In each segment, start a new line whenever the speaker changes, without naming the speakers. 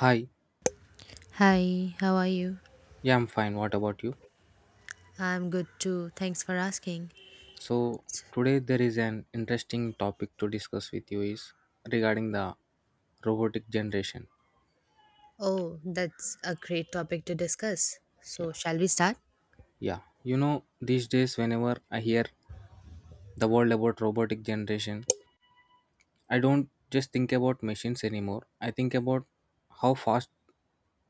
Hi,
Hi, how are you?
yeah, I'm fine. What about you?
I'm good too. Thanks for asking.
So today there is an interesting topic to discuss with you is regarding the robotic generation.
Oh, that's a great topic to discuss.
Yeah,
So, shall we start?
yeah. These days whenever I hear the world about robotic generation, I don't just think about machines anymore. I think about how fast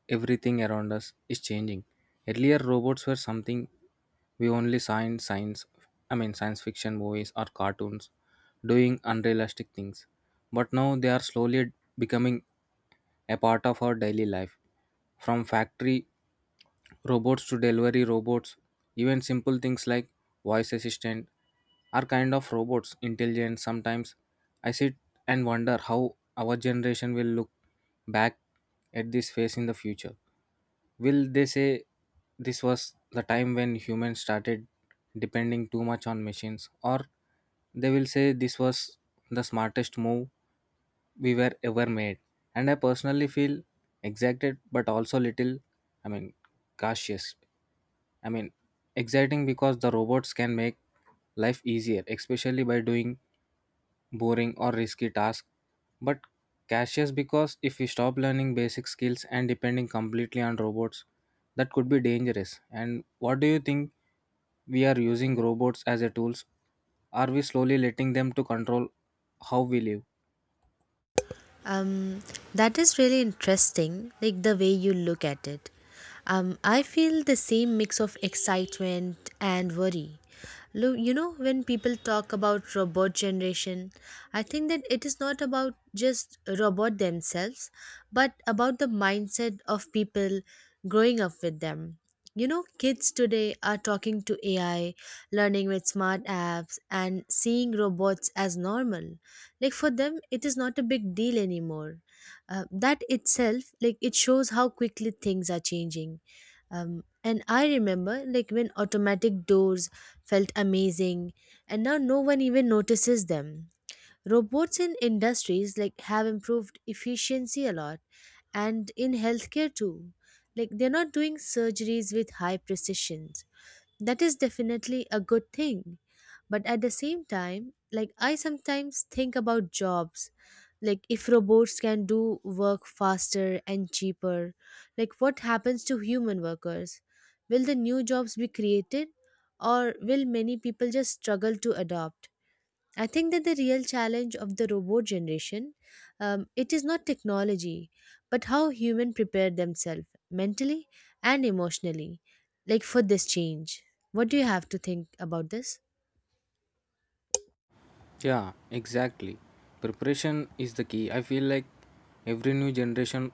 everything around us is changing. Earlier, robots were something we only saw in science, science fiction movies or cartoons doing unrealistic things. But now they are slowly becoming a part of our daily life. From factory robots to delivery robots, even simple things like voice assistant are kind of robots, intelligent sometimes I sit and wonder how our generation will look back at this phase in the future. Will they say this was the time when humans started depending too much on machines, or they will say this was the smartest move we were ever made? And I personally feel excited, but also little, I mean, cautious. I mean, Exciting because the robots can make life easier, especially by doing boring or risky task, but cautious because if we stop learning basic skills and depending completely on robots, that could be dangerous. And what do you think we are using robots as a tools? Are we slowly letting them to control how we live?
Um, that is really interesting, like the way you look at it. I feel the same mix of excitement and worry. You know, when people talk about robot generation, I think that it is not about just robot themselves, but about the mindset of people growing up with them. You know, kids today are talking to AI, learning with smart apps, and seeing robots as normal. Like for them, it is not a big deal anymore. That itself, like it shows how quickly things are changing. And I remember, like when automatic doors felt amazing and now no one even notices them. Robots in industries like have improved efficiency a lot, and in healthcare too, like they're not doing surgeries with high precisions. That is definitely a good thing, but at the same time, like I sometimes think about jobs. Like if robots can do work faster and cheaper, like what happens to human workers? Will the new jobs be created, or will many people just struggle to adopt? I think that the real challenge of the robot generation, it is not technology, but how human prepare themselves mentally and emotionally, like for this change. What do you have to think about this?
Yeah, exactly. Preparation is the key. I feel like every new generation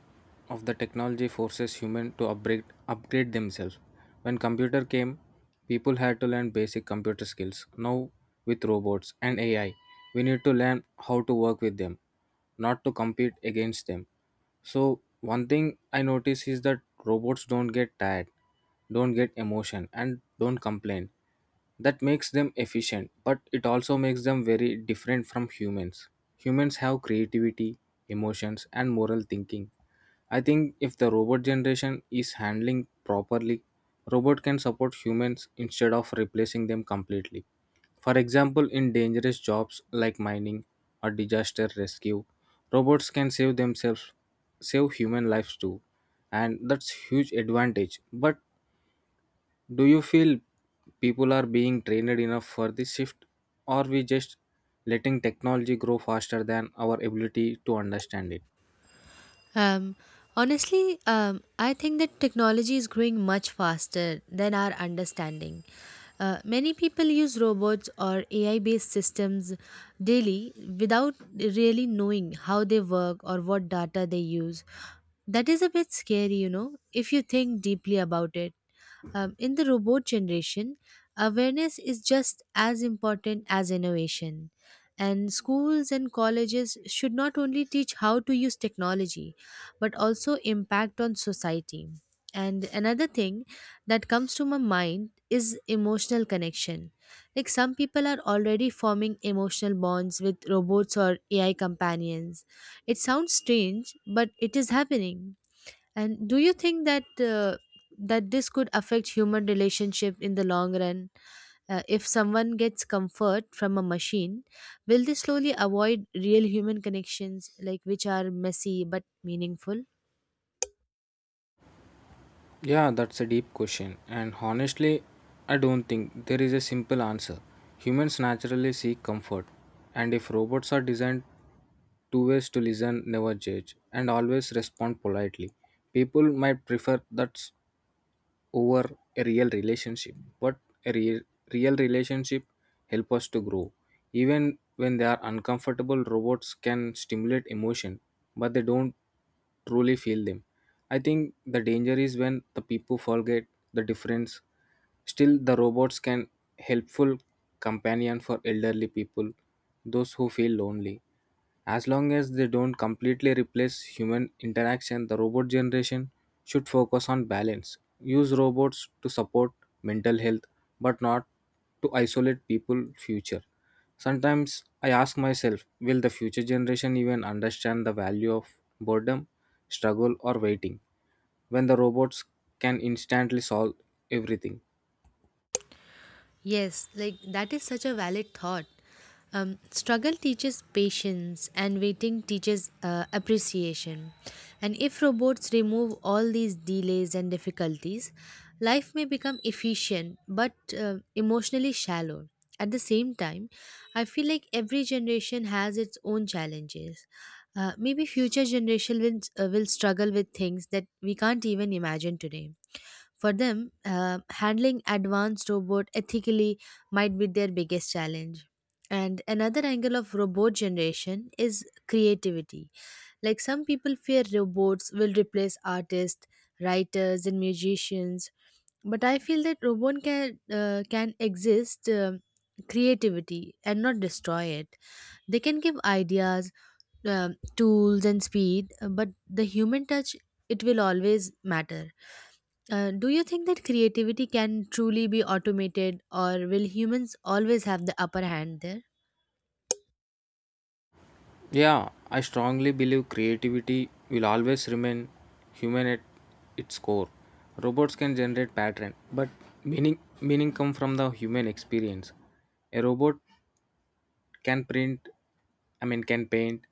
of the technology forces human to upgrade themselves. When computer came, people had to learn basic computer skills. Now with robots and AI, we need to learn how to work with them, not to compete against them. So one thing I notice is that robots don't get tired, don't get emotion and don't complain. That makes them efficient but it also makes them very different from humans. Humans have creativity, emotions and moral thinking. I think if the robot generation is handling properly, robot can support humans instead of replacing them completely. For example, in dangerous jobs like mining or disaster rescue, robots can save themselves, save human lives too, and that's huge advantage. But do you feel people are being trained enough for this shift? Or we just letting technology grow faster than our ability to understand it?
Um, Honestly, I think that technology is growing much faster than our understanding. Many people use robots or AI based systems daily without really knowing how they work or what data they use. That is a bit scary, you know, if you think deeply about it. In the robot generation, awareness is just as important as innovation. And schools and colleges should not only teach how to use technology, but also impact on society. And another thing that comes to my mind is emotional connection. Like some people are already forming emotional bonds with robots or AI companions. It sounds strange, but it is happening. And do you think that that this could affect human relationship in the long run? If someone gets comfort from a machine, will they slowly avoid real human connections, like which are messy but meaningful?
Yeah, that's a deep question. And honestly, I don't think there is a simple answer. Humans naturally seek comfort. And if robots are designed two ways to listen, never judge, and always respond politely, people might prefer that over a real relationship. But a real, real relationship help us to grow even when they are uncomfortable. Robots can stimulate emotion but they don't truly feel them. I think the danger is when the people forget the difference. Still the robots can helpful companion for elderly people, those who feel lonely. As long as they don't completely replace human interaction, the robot generation should focus on balance. Use robots to support mental health, but not to isolate people future. Sometimes I ask myself, will the future generation even understand the value of boredom, struggle or waiting when the robots can instantly solve everything?
Yes, like that is such a valid thought. Struggle teaches patience, and waiting teaches appreciation. And if robots remove all these delays and difficulties, life may become efficient but emotionally shallow. At the same time, I feel like every generation has its own challenges. Maybe future generation will struggle with things that we can't even imagine today. For them, handling advanced robot ethically might be their biggest challenge. And another angle of robot generation is creativity. Like some people fear robots will replace artists, writers, and musicians, but I feel that robot can exist creativity and not destroy it. They can give ideas, um tools, and speed, but the human touch, it will always matter. Do you think that creativity can truly be automated, or will humans always have the upper hand there?
Yeah, I strongly believe creativity will always remain human at its core. Robots can generate pattern, but meaning come from the human experience. A robot can print, can paint,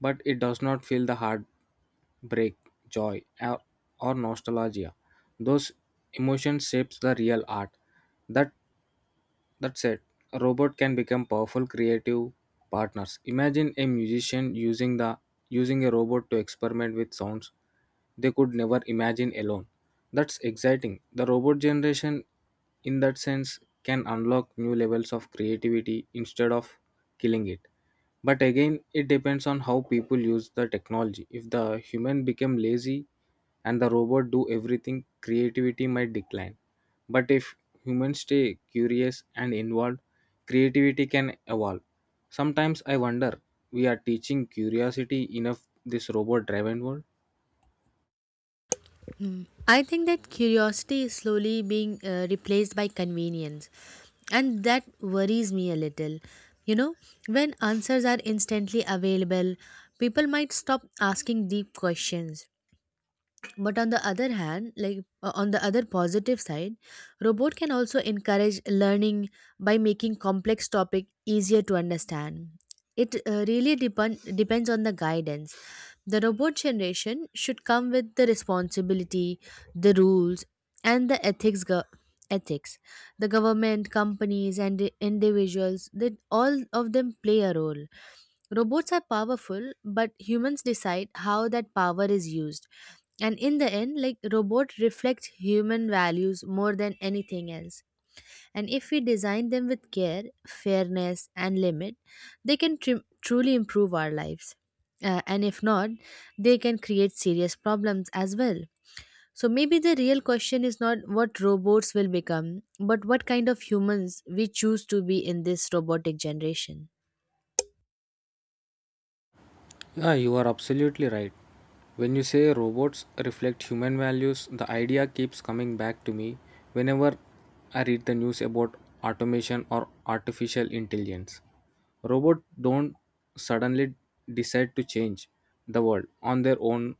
but it does not feel the heartbreak, joy, or nostalgia. Those emotions shapes the real art. That that said, a robot can become powerful creative partners. Imagine a musician using a robot to experiment with sounds they could never imagine alone. That's exciting. The robot generation in that sense can unlock new levels of creativity instead of killing it. But again, it depends on how people use the technology. If the human become lazy and the robot do everything, creativity might decline. But if humans stay curious and involved, creativity can evolve. Sometimes I wonder, we are teaching curiosity enough this robot driven world?
Hmm. I think that curiosity is slowly being replaced by convenience, and that worries me a little. You know, when answers are instantly available, people might stop asking deep questions. But on the other hand, like on the other positive side, robot can also encourage learning by making complex topic easier to understand. It really depends on the guidance. The robot generation should come with the responsibility, the rules, and the ethics. The government, companies, and the individuals, that all of them play a role. Robots are powerful, but humans decide how that power is used. And in the end, like robot reflects human values more than anything else. And if we design them with care, fairness, and limit, they can truly improve our lives. And if not, they can create serious problems as well. So maybe the real question is not what robots will become, but what kind of humans we choose to be in this robotic generation.
Yeah, you are absolutely right. When you say robots reflect human values, the idea keeps coming back to me whenever I read the news about automation or artificial intelligence. Robots don't suddenly decide to change the world on their own,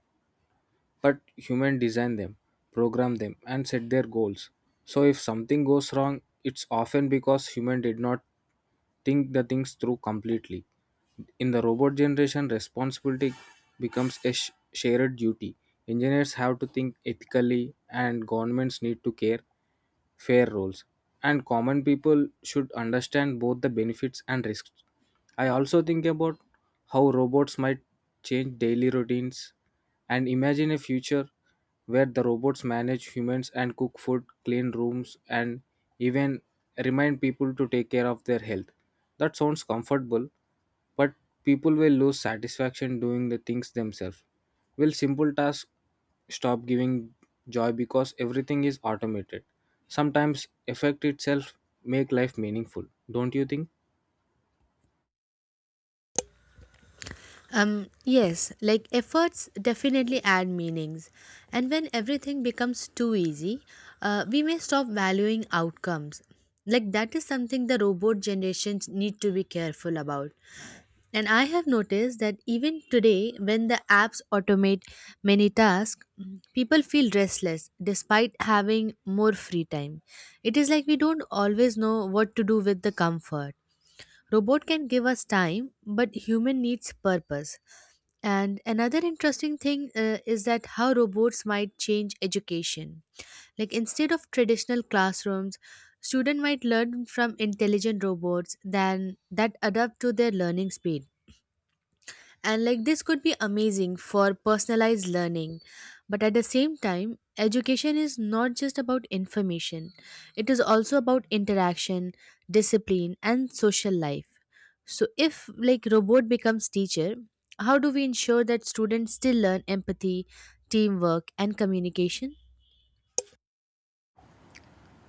but human design them, program them, and set their goals. So if something goes wrong, it's often because human did not think the things through completely. In the robot generation, responsibility becomes a shared duty. Engineers have to think ethically, and governments need to care fair rules, and common people should understand both the benefits and risks. I also think about how robots might change daily routines and imagine a future where the robots manage humans and cook food, clean rooms, and even remind people to take care of their health. That sounds comfortable, but people will lose satisfaction doing the things themselves. Will simple tasks stop giving joy because everything is automated? Sometimes effect itself make life meaningful, don't you think?
Yes, like efforts definitely add meanings. And when everything becomes too easy, we may stop valuing outcomes. Like that is something the robot generations need to be careful about. And I have noticed that even today, when the apps automate many tasks, people feel restless despite having more free time. It is like we don't always know what to do with the comfort. Robot can give us time, but human needs purpose. And another interesting thing is that how robots might change education. Like instead of traditional classrooms, student might learn from intelligent robots than that adapt to their learning speed. And like this could be amazing for personalized learning. But at the same time, education is not just about information, it is also about interaction, discipline, and social life. So if like robot becomes teacher, how do we ensure that students still learn empathy, teamwork, and communication?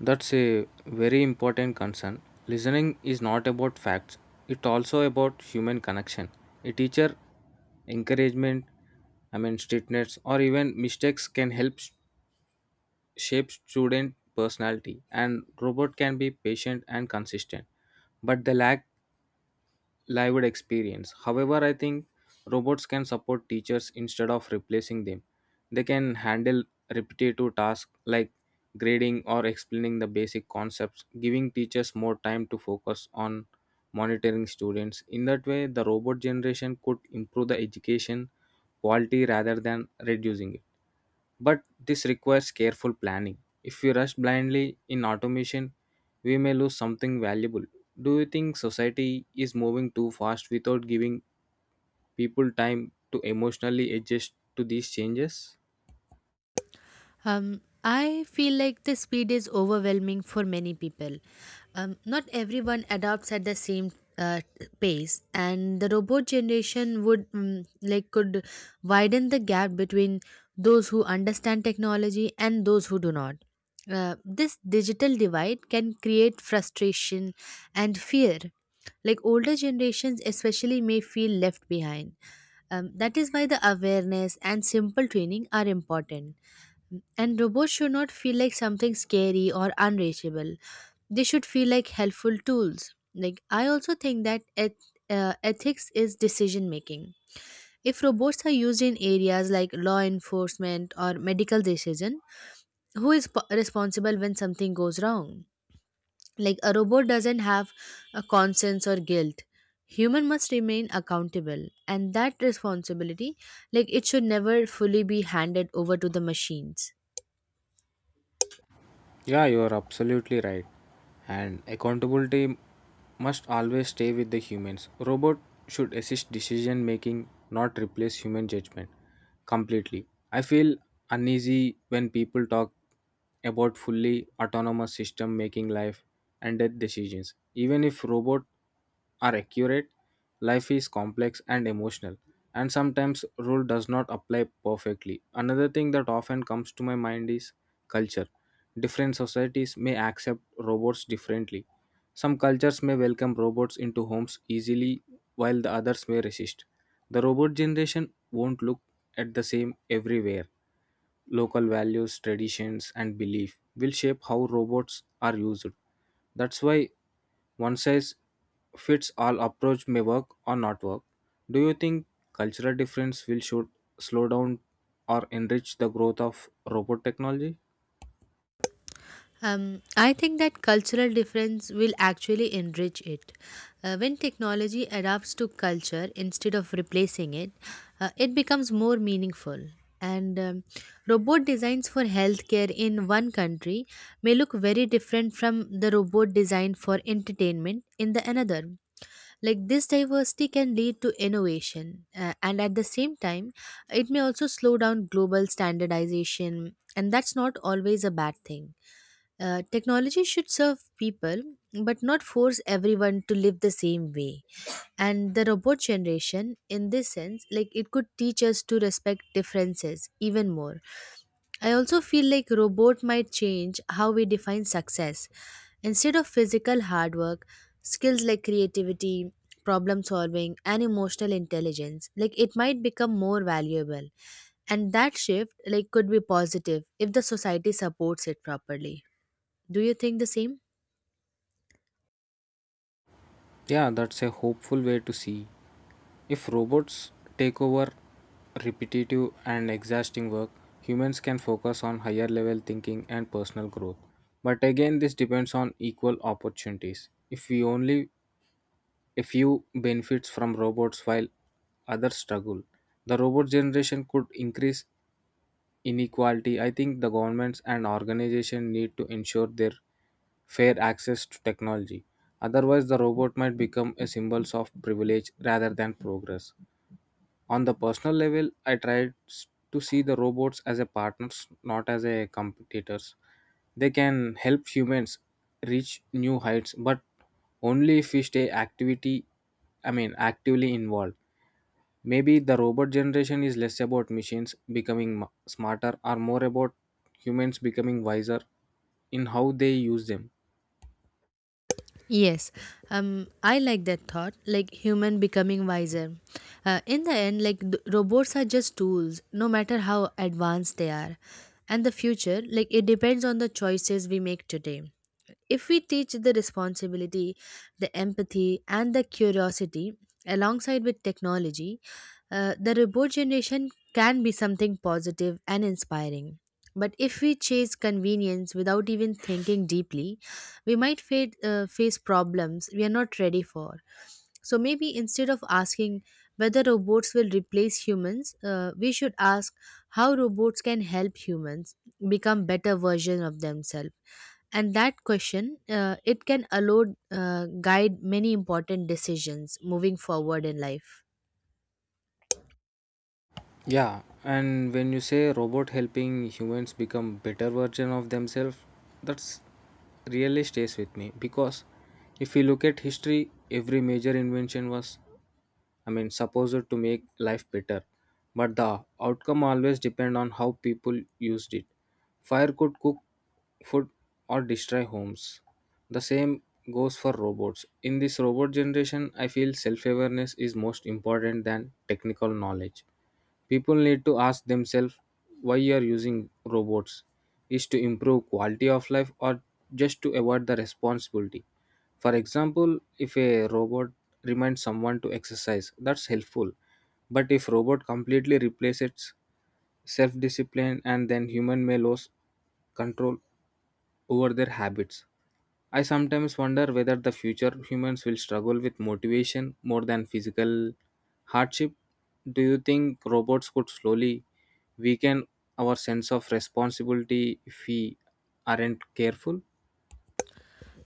That's a very important concern. Listening is not about facts, it's also about human connection. A teacher, encouragement, strictness, or even mistakes can help shape student personality. And robot can be patient and consistent, but they lack lived experience. However, I think robots can support teachers instead of replacing them. They can handle repetitive tasks like grading or explaining the basic concepts, giving teachers more time to focus on monitoring students. In that way the robot generation could improve the education quality rather than reducing it, but this requires careful planning. If we rush blindly in automation, we may lose something valuable. Do you think society is moving too fast without giving people time to emotionally adjust to these changes?
I feel like the speed is overwhelming for many people. Not everyone adopts at the same uh, pace, and the robot generation would like could widen the gap between those who understand technology and those who do not. This digital divide can create frustration and fear. Like older generations especially may feel left behind. That is why the awareness and simple training are important, and robots should not feel like something scary or unreachable. They should feel like helpful tools. Like I also think that ethics is decision making. If robots are used in areas like law enforcement or medical decision, who is responsible when something goes wrong? Like a robot doesn't have a conscience or guilt. Human must remain accountable, and that responsibility, like it should never fully be handed over to the machines.
Yeah, you are absolutely right. And accountability must always stay with the humans. Robot should assist decision making, not replace human judgment completely. I feel uneasy when people talk about fully autonomous system making life and death decisions. Even if robot are accurate, life is complex and emotional, and sometimes rule does not apply perfectly. Another thing that often comes to my mind is culture. Different societies may accept robots differently. Some cultures may welcome robots into homes easily while the others may resist. The robot generation won't look at the same everywhere. Local values, traditions, and belief will shape how robots are used. That's why one size fits all approach may work or not work. Do you think cultural difference will should slow down or enrich the growth of robot technology?
I think that cultural difference will actually enrich it. When technology adapts to culture instead of replacing it, it becomes more meaningful. And robot designs for healthcare in one country may look very different from the robot design for entertainment in the another. Like this diversity can lead to innovation, and at the same time, it may also slow down global standardization, and that's not always a bad thing. Technology should serve people, but not force everyone to live the same way. And the robot generation in this sense, like it could teach us to respect differences even more. I also feel like robot might change how we define success. Instead of physical hard work, skills like creativity, problem solving, and emotional intelligence, like it might become more valuable. And that shift, like could be positive if the society supports it properly. Do you think the same?
Yeah, that's a hopeful way to see. If robots take over repetitive and exhausting work, humans can focus on higher level thinking and personal growth. But again, this depends on equal opportunities. If we only a few benefits from robots while others struggle, the robot generation could increase inequality. I think the governments and organizations need to ensure their fair access to technology. Otherwise, the robot might become a symbol of privilege rather than progress. On the personal level, I tried to see the robots as a partners, not as a competitors. They can help humans reach new heights, but only if we stay activity, actively involved. Maybe the robot generation is less about machines becoming smarter or more about humans becoming wiser in how they use them.
Yes, I like that thought, like human becoming wiser. In the end, like robots are just tools, no matter how advanced they are. And the future, like it depends on the choices we make today. If we teach the responsibility, the empathy, and the curiosity alongside with technology, the robot generation can be something positive and inspiring. But if we chase convenience without even thinking deeply, we might face problems we are not ready for. So maybe instead of asking whether robots will replace humans, we should ask how robots can help humans become better version of themselves. And that question, it can allow guide many important decisions moving forward in life.
Yeah, and when you say robot helping humans become better version of themselves, that's really stays with me because if you look at history, every major invention was supposed to make life better, but the outcome always depend on how people used it. Fire could cook food or destroy homes. The same goes for robots. In this robot generation, I feel self awareness is most important than technical knowledge. People need to ask themselves why you are using robots. Is to improve quality of life or just to avoid the responsibility? For example, if a robot reminds someone to exercise, that's helpful. But if robot completely replaces self-discipline and then human may lose control over their habits. I sometimes wonder whether the future humans will struggle with motivation more than physical hardship. Do you think robots could slowly weaken our sense of responsibility if we aren't careful?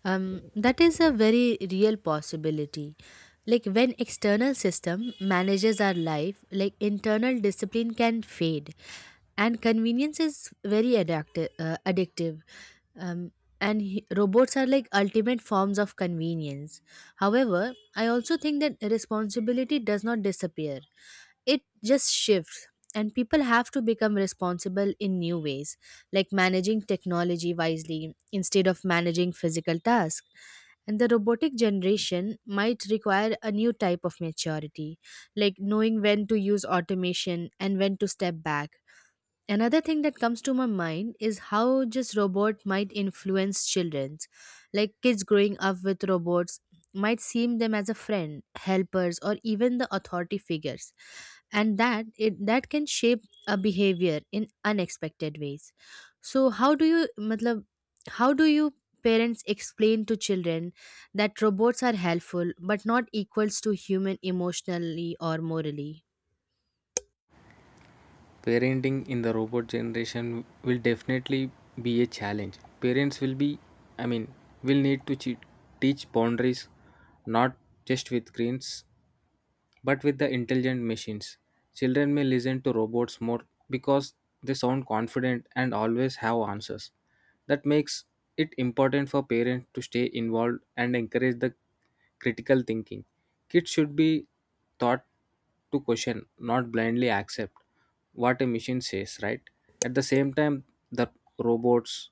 That is a very real possibility. Like when external system manages our life, like internal discipline can fade, and convenience is very addictive. Um, and robots are like ultimate forms of convenience. However, I also think that responsibility does not disappear. It just shifts, and people have to become responsible in new ways, like managing technology wisely instead of managing physical tasks. And the robotic generation might require a new type of maturity, like knowing when to use automation and when to step back. Another thing that comes to my mind is how just robot might influence children. Like kids growing up with robots might seem them as a friend, helpers, or even the authority figures, and that it that can shape a behavior in unexpected ways. So how do you how do you parents explain to children that robots are helpful but not equals to human emotionally or morally?
Parenting in the robot generation will definitely be a challenge. Parents will be, I mean, will need to teach boundaries not just with screens, but with the intelligent machines, children may listen to robots more because they sound confident and always have answers. That makes it important for parents to stay involved and encourage the critical thinking. Kids should be taught to question, not blindly accept what a machine says, right? At the same time, the robots'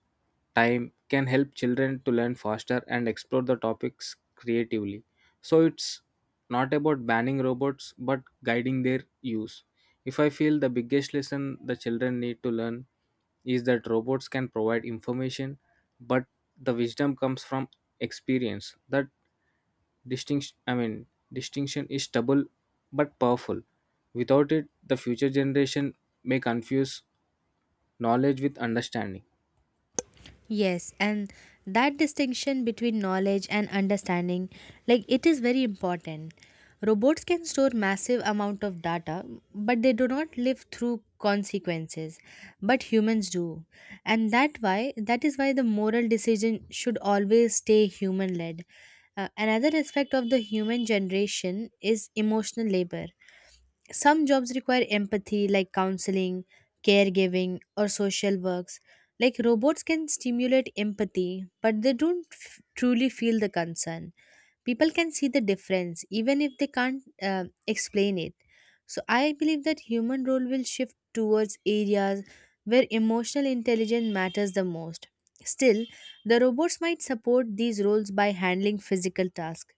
time can help children to learn faster and explore the topics creatively. So it's not about banning robots but guiding their use. If I feel the biggest lesson the children need to learn is that robots can provide information, but the wisdom comes from experience that distinction, distinction is double but powerful. Without it, the future generation may confuse knowledge with understanding.
Yes, and that distinction between knowledge and understanding, like it is very important. Robots can store massive amount of data, but they do not live through consequences, but humans do. And that is why the moral decision should always stay human led. Another aspect of the human generation is emotional labor. Some jobs require empathy, like counseling, caregiving, or social works. Like robots can stimulate empathy, but they don't truly feel the concern. People can see the difference even if they can't uh, explain it. So I believe that human role will shift towards areas where emotional intelligence matters the most. Still, the robots might support these roles by handling physical tasks.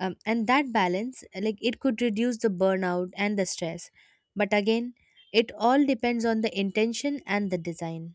And that balance, like it could reduce the burnout and the stress. But again, it all depends on the intention and the design.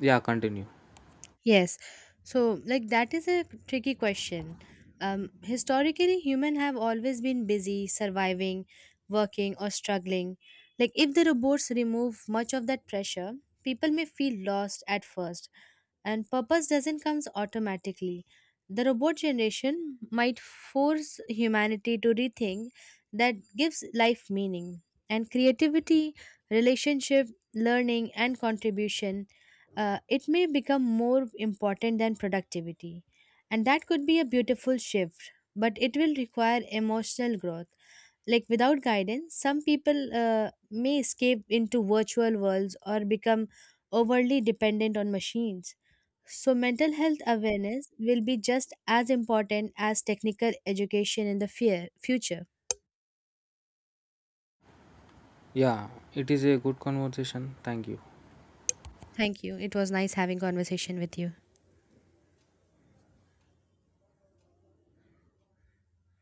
Yeah, continue.
Yes. So, like, that is a tricky question. Historically, humans have always been busy surviving, working, or struggling. Like, if the robots remove much of that pressure, people may feel lost at first, and purpose doesn't come automatically. The robot generation might force humanity to rethink that gives life meaning. And creativity, relationship, learning, and contribution, it may become more important than productivity. And that could be a beautiful shift, but it will require emotional growth. Like without guidance, some people may escape into virtual worlds or become overly dependent on machines. So, mental health awareness will be just as important as technical education in the future.
Yeah, it is a good conversation. Thank you.
Thank you. It was nice having conversation with you.